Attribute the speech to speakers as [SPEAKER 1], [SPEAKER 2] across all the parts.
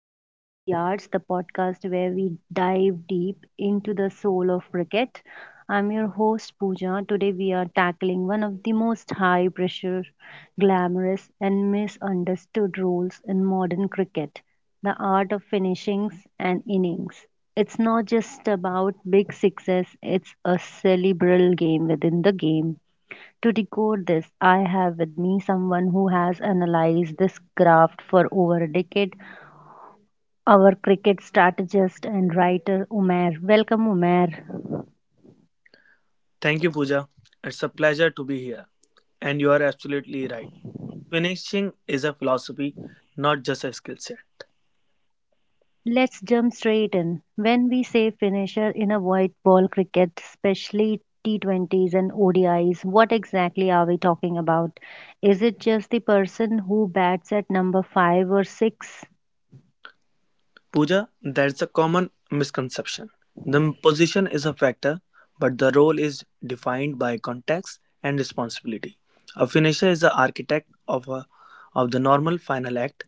[SPEAKER 1] the 22 Yards, the podcast where we dive deep into the soul of cricket. I'm your host Pooja. Today we are tackling one of the most high pressure, glamorous and misunderstood roles in modern cricket, the art of finishings and innings. It's not just about big sixes, it's a cerebral game within the game to decode this, I have with me someone who has analyzed this craft for over a decade, our cricket strategist and writer Umair. Welcome, Umair.
[SPEAKER 2] Thank you, Pooja. It's a pleasure to be here. And you are absolutely right. Finishing is a philosophy, not just a skill set.
[SPEAKER 1] Let's jump straight in. When we say finisher in a white ball cricket, especially T20s and ODIs, what exactly are we talking about? Is it just the person who bats at number 5 or 6?
[SPEAKER 2] Pooja, that's a common misconception. The position is a factor, but the role is defined by context and responsibility. A finisher is the architect of the normal final act.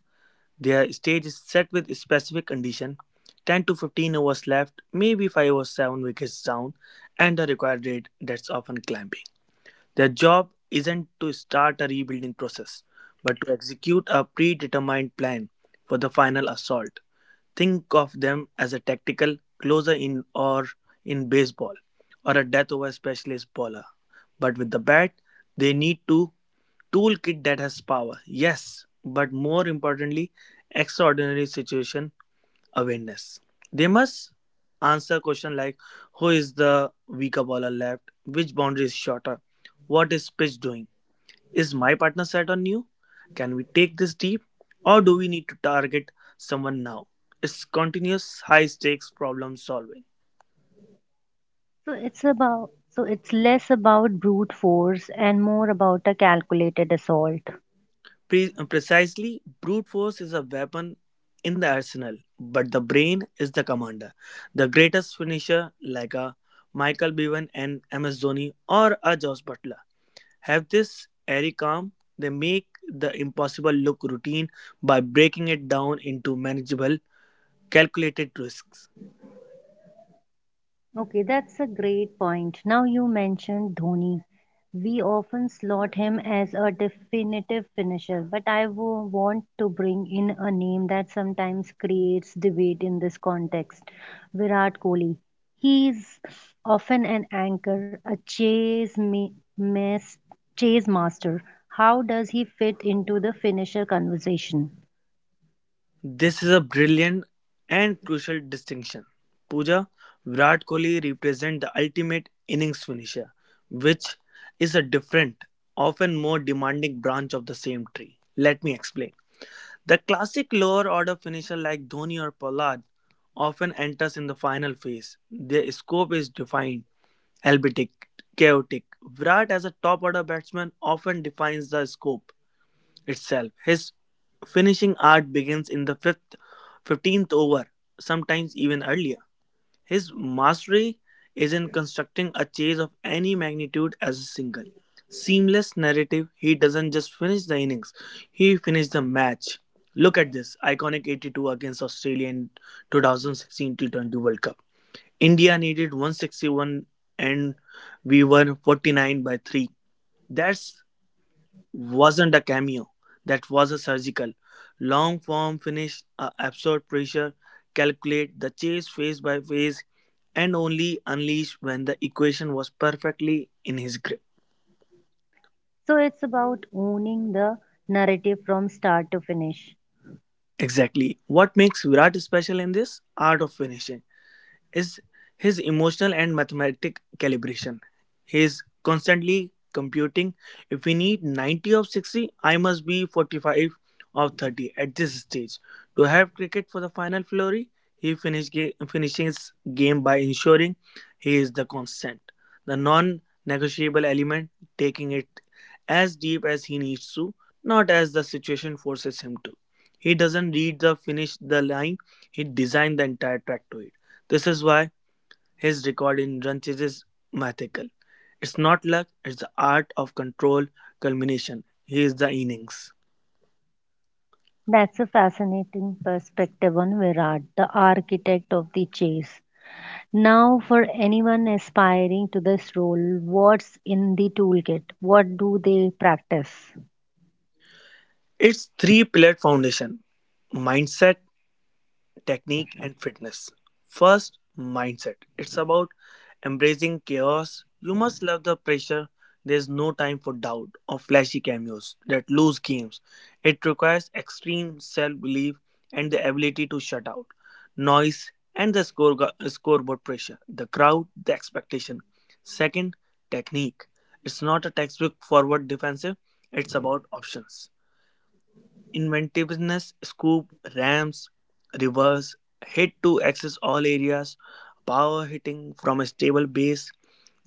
[SPEAKER 2] Their stage is set with specific condition, 10 to 15 overs left, maybe 5 or 7 wickets down, and the required rate that's often climbing. Their job isn't to start a rebuilding process, but to execute a predetermined plan for the final assault. Think of them as a tactical closer, in baseball, or a death over specialist bowler. But with the bat, they need to toolkit that has power. Yes, but more importantly, extraordinary situation awareness. They must answer questions like who is the weaker bowler left, which boundary is shorter, what is pitch doing, is my partner set on you, can we take this deep, or do we need to target someone now? It's continuous high stakes problem solving.
[SPEAKER 1] So it's about so it's less about brute force and more about a calculated assault.
[SPEAKER 2] Precisely, brute force is a weapon in the arsenal, but the brain is the commander. The greatest finisher, like a Michael Bevan and MS Dhoni, or a Josh Butler, have this airy calm. They make the impossible look routine by breaking it down into manageable, calculated risks.
[SPEAKER 1] Okay, that's a great point. Now you mentioned Dhoni. We often slot him as a definitive finisher, but want to bring in a name that sometimes creates debate in this context Virat Kohli. He's often an anchor, a chase, chase master. How does he fit into the finisher conversation?
[SPEAKER 2] This is a brilliant and crucial distinction. Pooja, Virat Kohli represent the ultimate innings finisher, which is a different, often more demanding branch of the same tree. Let me explain. The classic lower order finisher like Dhoni or Pollard often enters in the final phase. Their scope is defined, albeit chaotic. Virat as a top-order batsman often defines the scope itself. His finishing art begins in the fifth, 15th over, sometimes even earlier. His mastery is in constructing a chase of any magnitude as a single, seamless narrative. He doesn't just finish the innings, he finished the match. Look at this iconic 82 against Australia in 2016 T20 World Cup. India needed 161 and we were 49 by 3. That wasn't a cameo. That was a surgical, long form finish, a absurd pressure, calculate the chase phase by phase, and only unleash when the equation was perfectly in his grip.
[SPEAKER 1] So it's about owning the narrative from start to finish.
[SPEAKER 2] Exactly. What makes Virat special in this art of finishing is his emotional and mathematic calibration. He is constantly computing. If we need 90 of 60, I must be 45 of 30 at this stage. To have cricket for the final flurry, he finishes game by ensuring he is the constant, the non negotiable element, taking it as deep as he needs to, not as the situation forces him to. He doesn't read the finish the line, he designed the entire track to it. This is why his record in run chase is mythical. It's not luck, it's the art of control culmination. He is the innings.
[SPEAKER 1] That's a fascinating perspective on Virat, the architect of the chase. Now, for anyone aspiring to this role, what's in the toolkit? What do they practice?
[SPEAKER 2] It's three pillared foundation: mindset, technique and fitness. First, mindset. It's about embracing chaos. You must love the pressure. There's no time for doubt or flashy cameos that lose games. It requires extreme self belief and the ability to shut out noise and the score, scoreboard pressure, the crowd, the expectation. Second, technique. It's not a textbook forward defensive, it's about options. Inventiveness, scoop, ramps, reverse, hit to access all areas, power hitting from a stable base,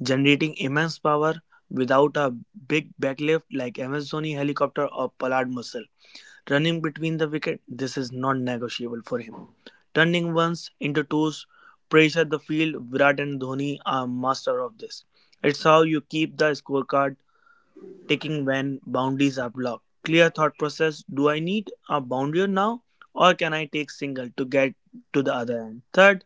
[SPEAKER 2] generating immense power without a big backlift like Amazoni helicopter or Pollard muscle. Running between the wicket, this is non-negotiable for him. Turning ones into twos, pressure the field, Virat and Dhoni are master of this. It's how you keep the scorecard taking when boundaries are blocked. Clear thought process, do I need a boundary now or can I take single to get to the other end? Third,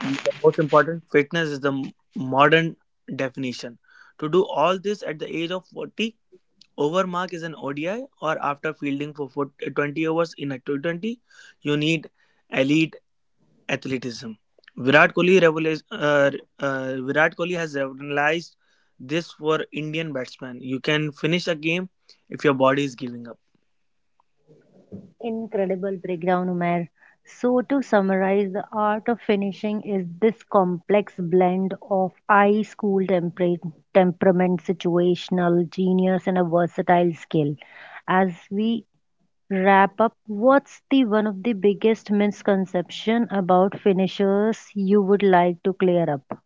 [SPEAKER 2] the most important, fitness is the modern definition. To do all this at the age of 40, overmark is an ODI or after fielding for 40 20 overs in a T20, you need elite athleticism. Virat Kohli reveals, uh, Virat Kohli has revolutionized this for Indian batsmen. You can finish a game if your body is giving up.
[SPEAKER 1] Incredible breakdown, Umair. So, to summarize, the art of finishing is this complex blend of high school temperament, situational genius, and a versatile skill. As we wrap up, what's the one of the biggest misconception about finishers you would like to clear up?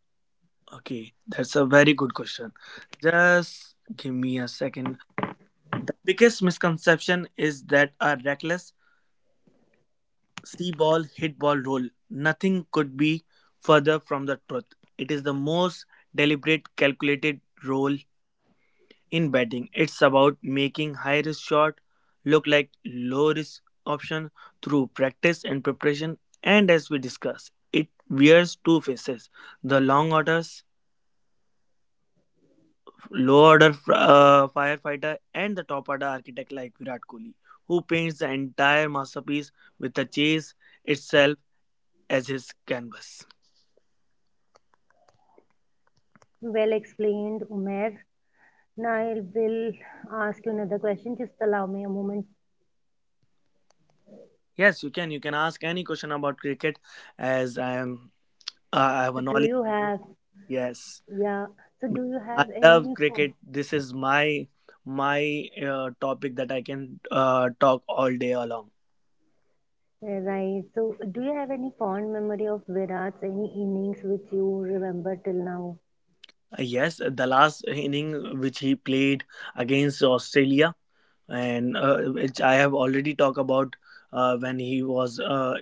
[SPEAKER 2] Okay, that's a very good question. Just give me a second. The biggest misconception is that a reckless see ball hit ball roll. Nothing could be further from the truth. It is the most deliberate, calculated roll. In betting, it's about making high risk shot look like low risk option through practice and preparation. And as we discussed, it wears two faces: the long orders, low order firefighter, and the top order architect like Virat Kohli, who paints the entire masterpiece with the chase itself as his canvas.
[SPEAKER 1] Well explained, Umair. Now I will ask you another question. Just allow me a moment.
[SPEAKER 2] Yes, you can. You can ask any question about cricket, as I am. I have
[SPEAKER 1] So
[SPEAKER 2] a
[SPEAKER 1] do
[SPEAKER 2] knowledge.
[SPEAKER 1] you have,
[SPEAKER 2] Yes.
[SPEAKER 1] yeah, so do you have
[SPEAKER 2] I love cricket. This is my topic that I can talk all day along.
[SPEAKER 1] right, so do you have any fond memory of Virat's, any innings which you remember till now?
[SPEAKER 2] Yes, the last inning which he played against Australia, and which I have already talked about, when he was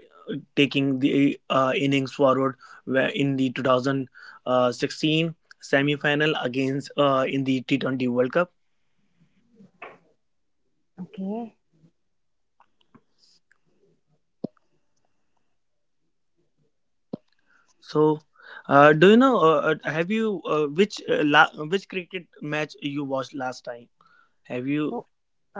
[SPEAKER 2] taking the innings forward, in the 2016 semi final against, in the T20 World Cup.
[SPEAKER 1] Okay.
[SPEAKER 2] So, do you know? Have you, which cricket match you watched last time? Have you?
[SPEAKER 1] So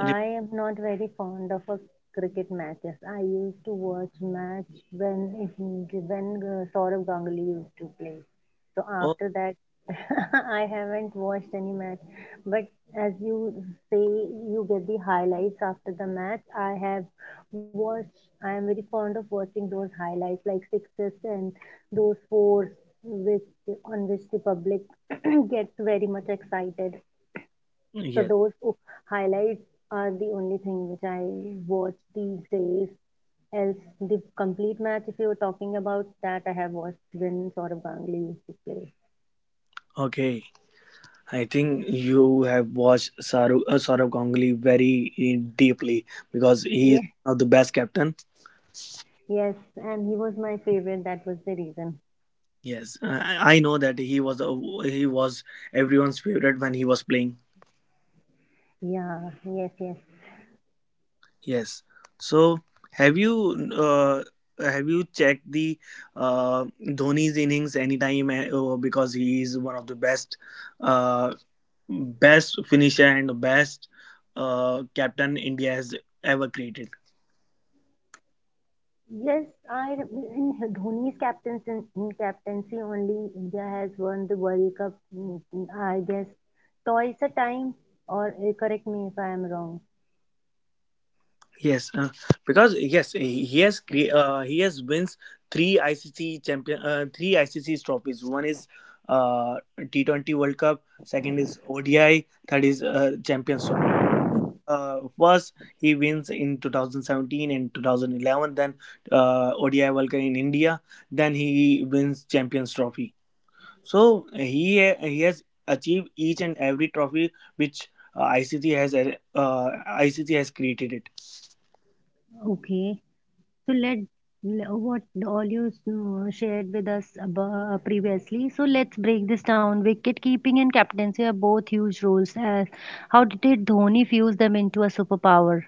[SPEAKER 2] Re-
[SPEAKER 1] am not very fond of a cricket matches. I used to watch match when Saurabh Ganguly used to play. So
[SPEAKER 2] oh,
[SPEAKER 1] after that, I haven't watched any match. But as you say, you get the highlights after the match. I have watched. I am very fond of watching those highlights, like sixes and those fours, which on which the public gets very much excited. So
[SPEAKER 2] yes.
[SPEAKER 1] highlights are the only thing which I watch these days. Else, the complete match, if you're talking about that, I have watched when Saurabh Ganguly used to play.
[SPEAKER 2] Okay. I think you have watched Saurabh Ganguly very deeply because he
[SPEAKER 1] Yeah,
[SPEAKER 2] is one of the best captain.
[SPEAKER 1] yes, and he was my favorite. That was the reason.
[SPEAKER 2] Yes, I know that he was everyone's favorite when he was playing.
[SPEAKER 1] Yeah, yes, yes.
[SPEAKER 2] Yes. So have you uh, have you checked the Dhoni's innings anytime, because he is one of the uh, best finisher and the best, captain India has ever created.
[SPEAKER 1] Yes, I in Dhoni's captaincy, in captaincy only India has won the World Cup. Mm, I guess twice a time, or correct me if I am wrong.
[SPEAKER 2] Yes, because yes, he has wins three ICC champion, three ICC trophies. One is, uh, T20 World Cup, second is ODI, third is Champions. First he wins in 2017 and 2011, then ODI World Cup in India, then he wins Champions Trophy. So he has achieved each and every trophy which uh, ICC has uh, ICC has created it.
[SPEAKER 1] Okay. So let what all you shared with us previously. So let's break this down. Wicket keeping and captaincy are both huge roles. How did Dhoni fuse them into a superpower?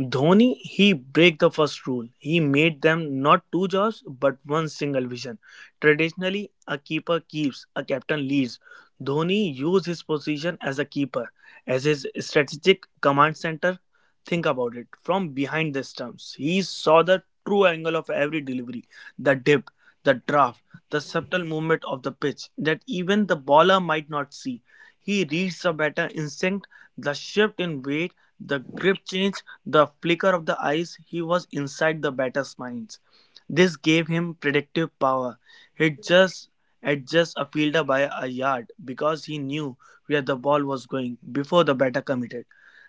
[SPEAKER 2] Dhoni, he break the first rule. He made them not two jobs but one single vision. Traditionally, a keeper keeps, a captain leads. Dhoni used his position as a keeper as his strategic command center. Think about it. From behind the stumps, he saw the true angle of every delivery, the dip, the draft, the subtle movement of the pitch that even the bowler might not see. He reads the batter instinct, the shift in weight, the grip change, the flicker of the eyes. He was inside the batter's minds. This gave him predictive power. He'd just adjust a fielder by a yard because he knew where the ball was going before the batter committed.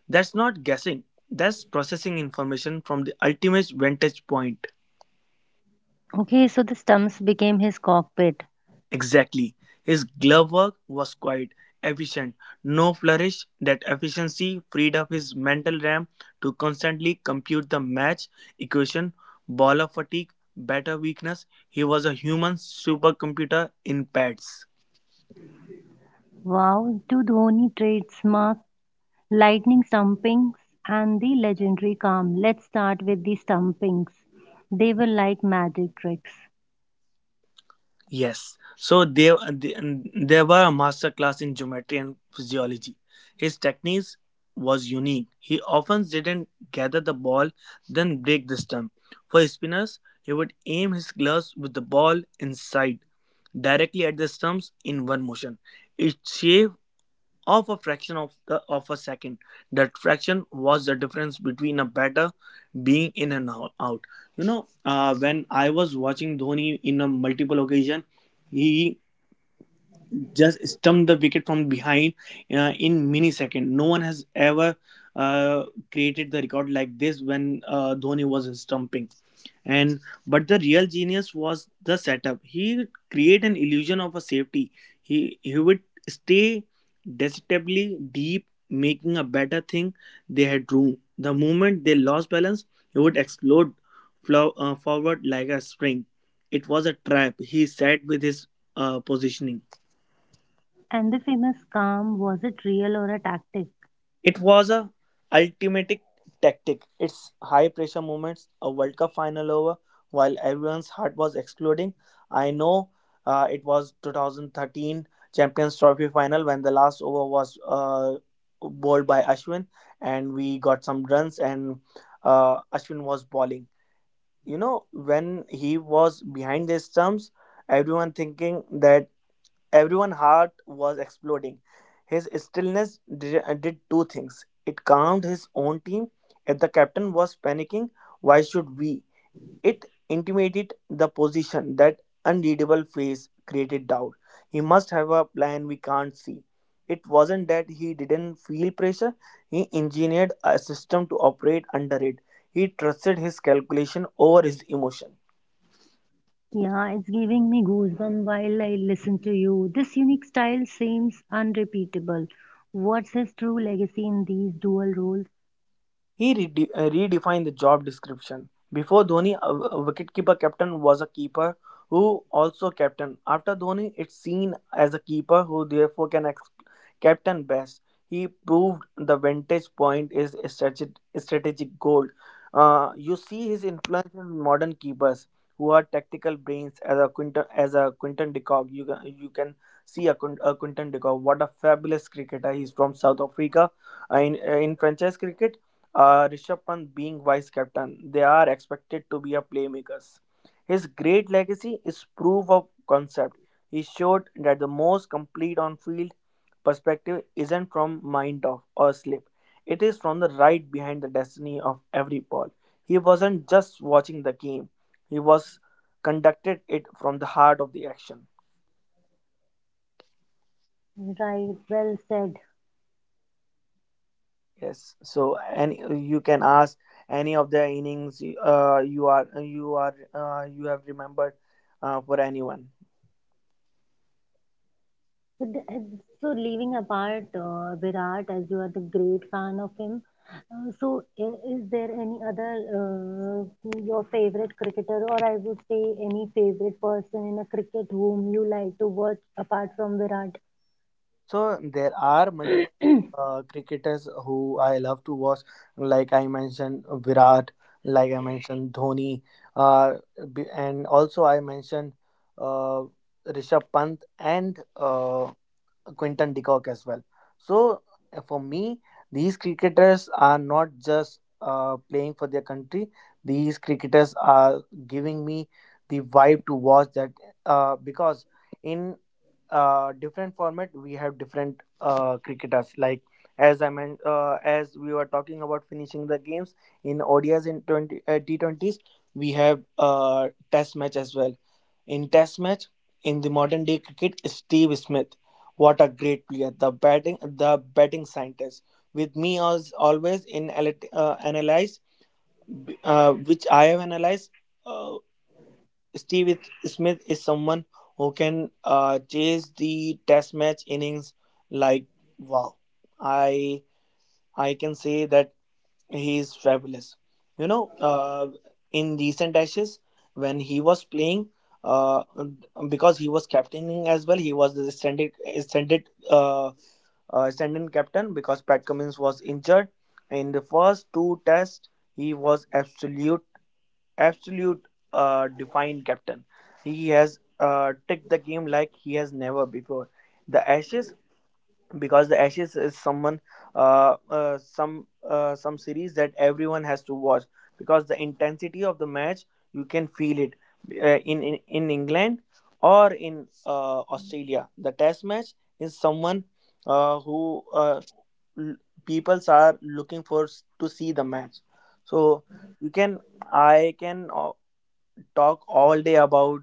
[SPEAKER 2] That's not guessing, that's processing information from the ultimate vantage point.
[SPEAKER 1] Okay, so the stumps became his cockpit.
[SPEAKER 2] Exactly. His glove work was quite efficient. No flourish. That efficiency freed up his mental RAM to constantly compute the match equation, ball of fatigue, batter weakness. He was a human supercomputer in pads.
[SPEAKER 1] Wow, to Dhoni trademark lightning stumpings and the legendary calm. Let's start with the stumpings. They were like magic tricks.
[SPEAKER 2] Yes. So there were a master class in geometry and physiology. His techniques was unique. He often didn't gather the ball, then break the stump. For spinners, he would aim his gloves with the ball inside, directly at the stumps in one motion. Its shape of a fraction of a second. That fraction was the difference between a batter being in and out. You know, when I was watching Dhoni in a multiple occasion, he just stumped the wicket from behind, in millisecond. No one has ever, uh, created the record like this when, Dhoni was stumping. And but the real genius was the setup. He create an illusion of a safety. He would stay deceptively deep, making a better thing they had room. The moment they lost balance, he would explode, forward like a spring. It was a trap he sat with his positioning.
[SPEAKER 1] And the famous calm, was it real or a tactic?
[SPEAKER 2] It was a ultimate tactic. Its high pressure moments, a World Cup final over while everyone's heart was exploding. I know, it was 2013 Champions Trophy final when the last over was, bowled by Ashwin and we got some runs, and Ashwin was bowling. You know, when he was behind the stumps, everyone thinking that. Everyone's heart was exploding. His stillness did two things. It calmed his own team. If the captain was panicking, why should we? It intimated the position that unreadable face created doubt. He must have a plan we can't see. It wasn't that he didn't feel pressure, he engineered a system to operate under it. He trusted his calculation over his emotion.
[SPEAKER 1] Yeah, it's giving me goosebumps while I listen to you. This unique style seems unrepeatable. What's his true legacy in these dual roles?
[SPEAKER 2] He redefined the job description. Before Dhoni, a wicketkeeper captain was a keeper who also captain. After Dhoni, it's seen as a keeper who therefore can captain best. He proved the vantage point is a strategic goal. You see his influence in modern keepers who are tactical brains as a Quinton de Kock. You can see a Quinton de Kock. What a fabulous cricketer. He's from South Africa. In franchise cricket, Rishabh Pant being vice captain, they are expected to be a playmakers. His great legacy is proof of concept. He showed that the most complete on-field perspective isn't from mind off or slip. It is from the right behind the destiny of every ball. He wasn't just watching the game. He was conducted it from the heart of the action.
[SPEAKER 1] Right, well said.
[SPEAKER 2] Yes. So any you can ask any of the innings you have remembered for anyone.
[SPEAKER 1] But the- and So, leaving apart Virat, as you are the great fan of him, so is there any other your favorite cricketer, or I would say any favorite person in a cricket whom you like to watch apart from Virat?
[SPEAKER 2] So there are multiple cricketers who I love to watch. Like I mentioned Virat, like I mentioned Dhoni, uh, and also I mentioned uh, Rishabh Pant and Quinton de Kock as well. So for me, these cricketers are not just playing for their country. These cricketers are giving me the vibe to watch that because in different format we have different cricketers. Like as we were talking about finishing the games in ODIs in twenty T20s, we have Test match as well. In Test match in the modern day cricket, Steve Smith, what a great player! The batting scientist. With me as always in analyze, which I have analyzed. Uh, Steve Smith is someone who can chase the Test match innings like wow. I I can say that he is fabulous. You know, in recent Ashes when he was playing. Uh, because he was captaining as well, he was the extended stand-in captain because Pat Cummins was injured. In the first two tests, he was absolute, absolute, defined captain. He has ticked the game like he has never before. The Ashes, because the ashes is someone, some some series that everyone has to watch because the intensity of the match you can feel it in england or in australia, the test match is someone uh, who uh, l- peoples are looking to see the match. So you can, I can talk all day about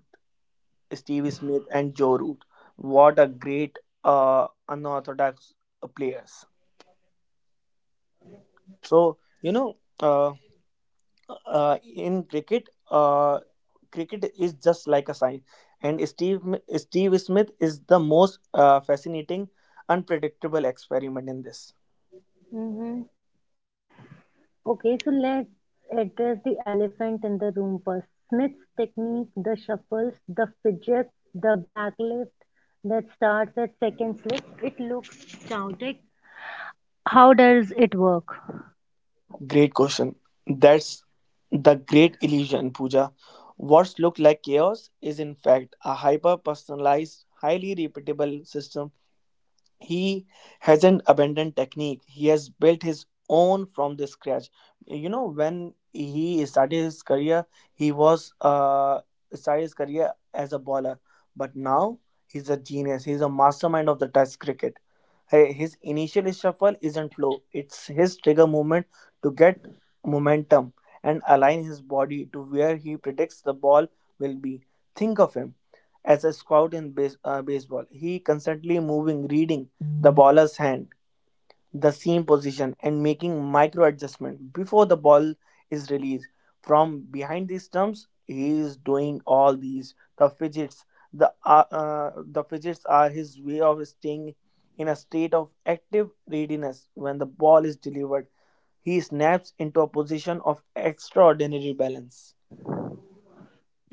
[SPEAKER 2] Steve Smith and Joe Root. What a great unorthodox players. So you know, in cricket, cricket is just like a science, and Steve Smith is the most fascinating, unpredictable experiment in this.
[SPEAKER 1] Hmm. Okay, so let's address the elephant in the room first. Smith's technique, the shuffles, the fidgets, the backlift that starts at second slip. It looks chaotic. How does it work?
[SPEAKER 2] Great question. That's the great illusion, Pooja. What's looked like chaos is in fact a hyper personalized, highly repeatable system. He hasn't abandoned technique, he has built his own from the scratch. You know, when he started his career, he was started his career as a bowler, but now he's a genius, he's a mastermind of the test cricket. Hey, his initial shuffle isn't flow, it's his trigger movement to get momentum and align his body to where he predicts the ball will be. Think of him as a scout in baseball. He constantly moving, reading the baller's hand, the seam position, and making micro adjustment before the ball is released. From behind the stumps he is doing all these the fidgets. The the fidgets are his way of staying in a state of active readiness. When the ball is delivered, he snaps into a position of extraordinary balance.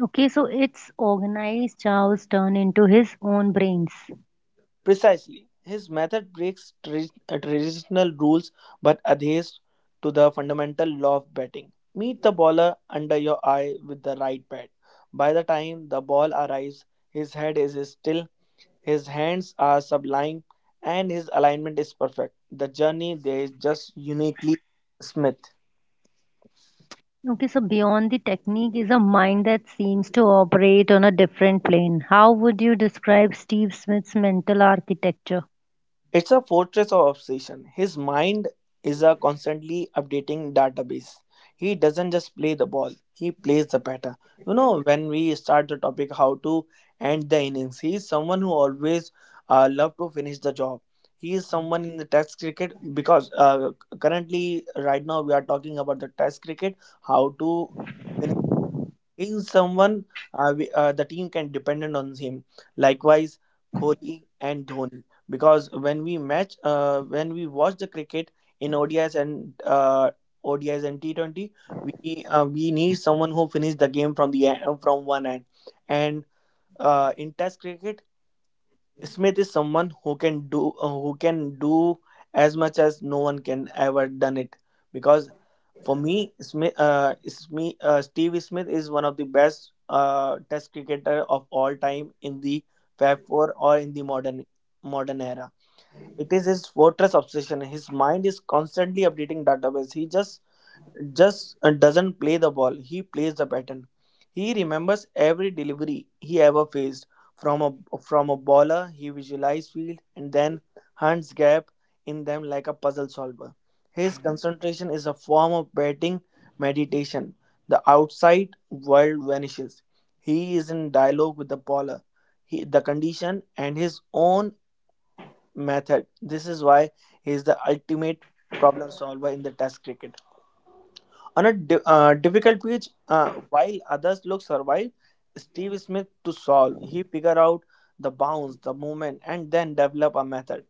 [SPEAKER 1] Okay, so it's organized Charles turn into his own brains.
[SPEAKER 2] Precisely. His method breaks traditional rules but adheres to the fundamental law of batting. Meet the bowler under your eye with the right bat. By the time the ball arrives, his head is still, his hands are sublime, and his alignment is perfect. The journey there is just uniquely Smith.
[SPEAKER 1] Okay, so beyond the technique is a mind that seems to operate on a different plane. How would you describe Steve Smith's mental architecture?
[SPEAKER 2] It's a fortress of obsession. His mind is a constantly updating database. He doesn't just play the ball, he plays the batter. You know, when we start the topic how to end the innings, he is someone who always love to finish the job. He is someone in the test cricket because currently, right now, we are talking about the test cricket, how to is someone the team can dependent on him. Likewise, Kohli and Dhoni, because when we match, when we watch the cricket in ODIs and T20, we need someone who finish the game from from one end. And in Test cricket, Smith is someone who can do as much as no one can ever done it, because for me Smith, Smith Steve Smith is one of the best test cricketer of all time in the Fab 4 or in the modern era. It is his fortress obsession, his mind is constantly updating database. He just doesn't play the ball, he plays the pattern. He remembers every delivery he ever faced from a bowler. He visualizes field and then hunts gap in them like a puzzle solver. His concentration is a form of batting meditation. The outside world vanishes. He is in dialogue with the bowler, he, the condition, and his own method. This is why he is the ultimate problem solver in the Test cricket. On a difficult pitch, while others look survive, Steve Smith to solve. He figure out the bounce, the movement, and then develop a method.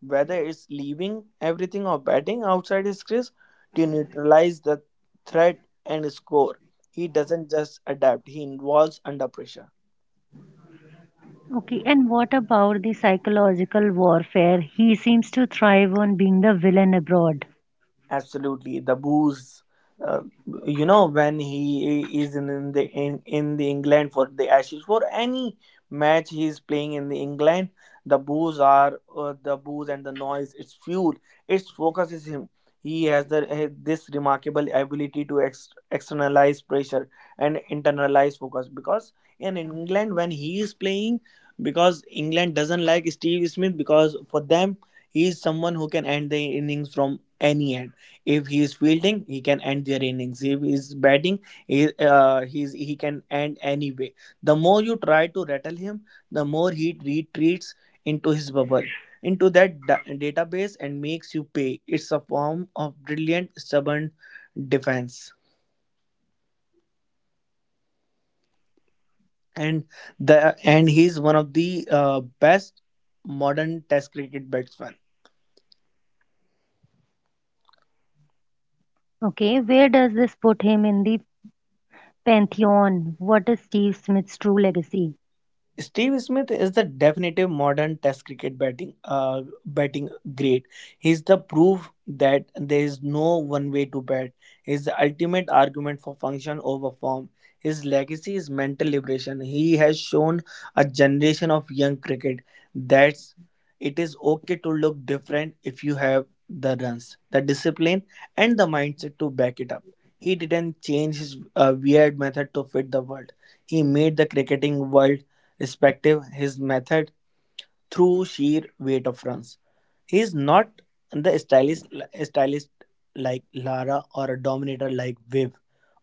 [SPEAKER 2] Whether it's leaving everything or batting outside his crease to neutralize the threat and score, he doesn't just adapt. He involves under pressure.
[SPEAKER 1] Okay, and what about the psychological warfare? He seems to thrive on being the villain abroad.
[SPEAKER 2] Absolutely, the booze. uh, you know, when he is in the england for the ashes, for any match he is playing in the england, the booze are, the booze and the noise, it's fuel. It focuses him. He has this remarkable ability to externalize pressure and internalize focus, because in england when he is playing, because england doesn't like steve smith, because for them he is someone who can end the innings from any end. If he is fielding, he can end their innings. If he is batting, he can end anyway. The more you try to rattle him, the more he retreats into his bubble, into that database, and makes you pay. It's a form of brilliant, stubborn defense, and the and he's one of the best modern Test cricket batsmen.
[SPEAKER 1] Okay, where does this put him in the pantheon? What is Steve Smith's true legacy?
[SPEAKER 2] Steve Smith is the definitive modern Test cricket batting great. He's the proof that there is no one way to bat. He's the ultimate argument for function over form. His legacy is mental liberation. He has shown a generation of young cricket that it is okay to look different if you have the runs, the discipline, and the mindset to back it up. He didn't change his weird method to fit the world. He made the cricketing world respective his method through sheer weight of runs. He is not the stylist like Lara or a dominator like Viv.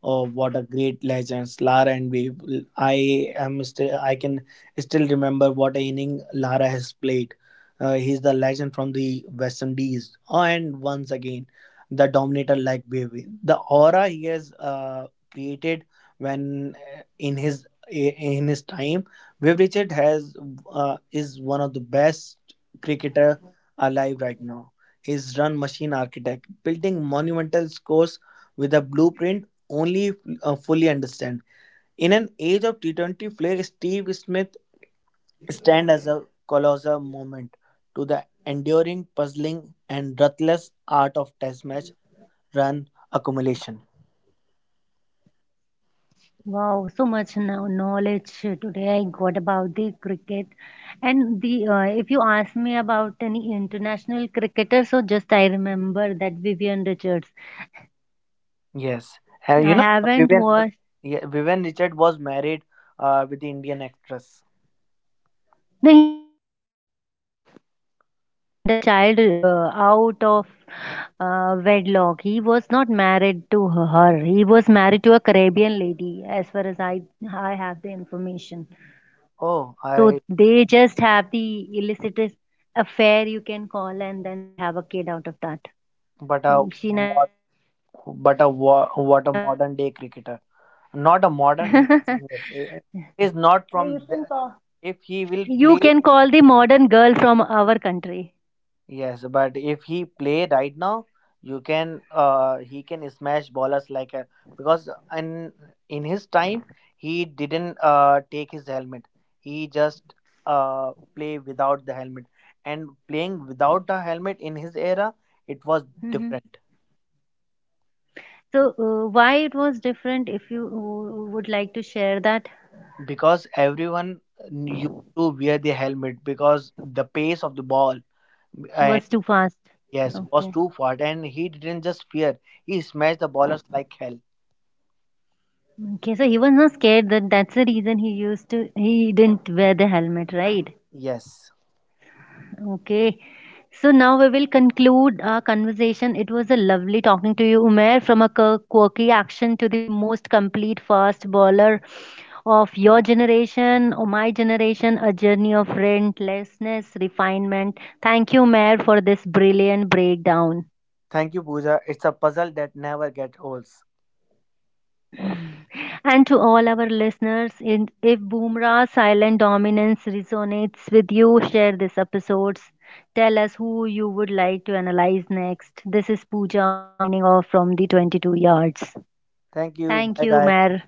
[SPEAKER 2] Oh, what a great legends, Lara and Viv. I can still remember what inning Lara has played. He's the legend from the West Indies, oh, and once again, the dominator like Viv. The aura he has created when, in his time, Viv Richard has is one of the best cricketer alive right now, is Run Machine Architect, building monumental scores with a blueprint only fully understand. In an age of T20 flair, Steve Smith stand as a colossal monument to the enduring, puzzling, and ruthless art of test match run accumulation.
[SPEAKER 1] Wow, so much now knowledge today I got about the cricket. And the if you ask me about any international cricketer, so just I remember that Vivian Richards.
[SPEAKER 2] Yes, and you
[SPEAKER 1] I
[SPEAKER 2] know
[SPEAKER 1] haven't
[SPEAKER 2] Vivian,
[SPEAKER 1] watched.
[SPEAKER 2] yeah, Vivian Richard was married with the Indian actress.
[SPEAKER 1] No, he was not married with her. He had a child out of wedlock. He was not married to her. He was married to a Caribbean lady, as far as I have the information.
[SPEAKER 2] Oh,
[SPEAKER 1] So
[SPEAKER 2] I,
[SPEAKER 1] they just have the illicit affair, you can call, and then they have a kid out of that.
[SPEAKER 2] but a
[SPEAKER 1] She never got
[SPEAKER 2] mod-
[SPEAKER 1] married.
[SPEAKER 2] but a what a modern day cricketer. Not a modern, he. Yes, it is not from
[SPEAKER 1] You
[SPEAKER 2] the,
[SPEAKER 1] can call.
[SPEAKER 2] if he will
[SPEAKER 1] You
[SPEAKER 2] play,
[SPEAKER 1] can call the modern girl from our country.
[SPEAKER 2] yes, but if he play right now, you can, he can smash ballers like a, because in in his time he didn't take his helmet, he just play without the helmet, and playing without the helmet in his era it was
[SPEAKER 1] Mhm.
[SPEAKER 2] different.
[SPEAKER 1] So why it was different? If you would like to share that,
[SPEAKER 2] Because everyone used to wear the helmet because the pace of the ball.
[SPEAKER 1] was too fast.
[SPEAKER 2] Yes, was
[SPEAKER 1] Okay.
[SPEAKER 2] too far, and he didn't just fear, he smashed the ballers like hell.
[SPEAKER 1] Okay, so he was not scared that that's the reason he used to he didn't wear the helmet, right?
[SPEAKER 2] Yes.
[SPEAKER 1] Okay. So now we will conclude our conversation. It was a lovely talking to you, Umair, from a quirky action to the most complete fast bowler of your generation or my generation, a journey of relentlessness, refinement. Thank you, Umair, for this brilliant breakdown.
[SPEAKER 2] Thank you, Pooja. It's a puzzle that never gets old.
[SPEAKER 1] And to all our listeners, in, if Boomra's silent dominance resonates with you, share this episode. Tell us who you would like to analyze next. This is Pooja signing off from the 22 yards.
[SPEAKER 2] Thank you.
[SPEAKER 1] Thank
[SPEAKER 2] Bye,
[SPEAKER 1] you,
[SPEAKER 2] guys.
[SPEAKER 1] Mayor.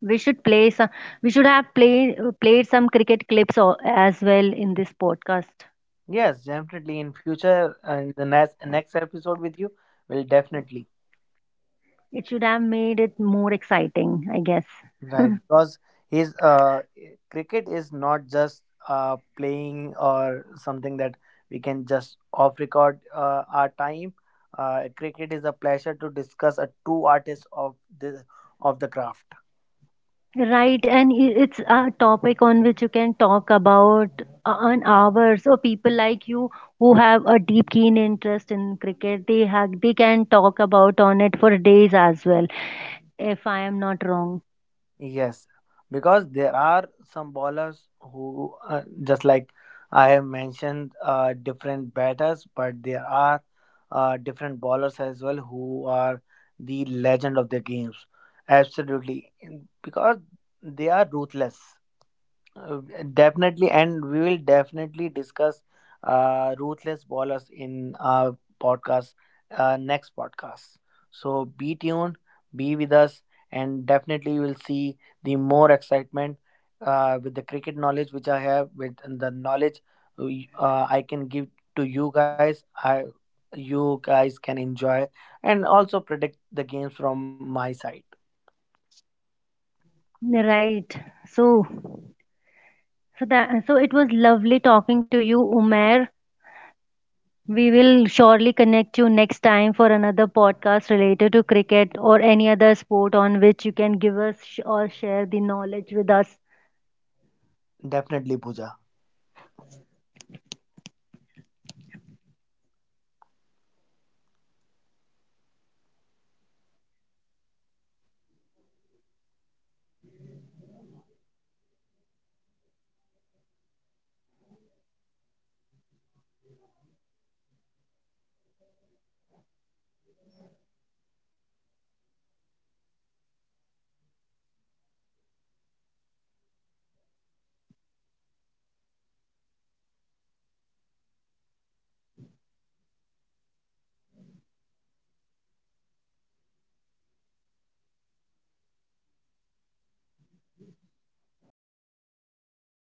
[SPEAKER 1] We should play some, we should have played some cricket clips as well in this podcast.
[SPEAKER 2] Yes, definitely. In future, in the next episode with you, we'll definitely.
[SPEAKER 1] It should have made it more exciting, I guess.
[SPEAKER 2] Right, because he's cricket is not just playing or something that we can just off record our time. Cricket is a pleasure to discuss a true artist of this of the craft.
[SPEAKER 1] Right, and it's a topic on which you can talk about an hour. So people like you who have a deep, keen interest in cricket, they can talk about on it for days as well, if I am not wrong.
[SPEAKER 2] Yes, because there are some bowlers who, just like I have mentioned, different batters, but there are different bowlers as well who are the legend of the games. Absolutely. Because they are ruthless. Uh, Definitely, and we will definitely discuss ruthless ballers in our podcast, next podcast. So be tuned, be with us, and definitely you will see the more excitement with the cricket knowledge which I have, with the knowledge I can give to you guys. I, you guys can enjoy and also predict the games from my side.
[SPEAKER 1] Right. So, so it was lovely talking to you, Umair. We will surely connect you next time for another podcast related to cricket or any other sport on which you can give us sh- or share the knowledge with us.
[SPEAKER 2] Definitely, Pooja.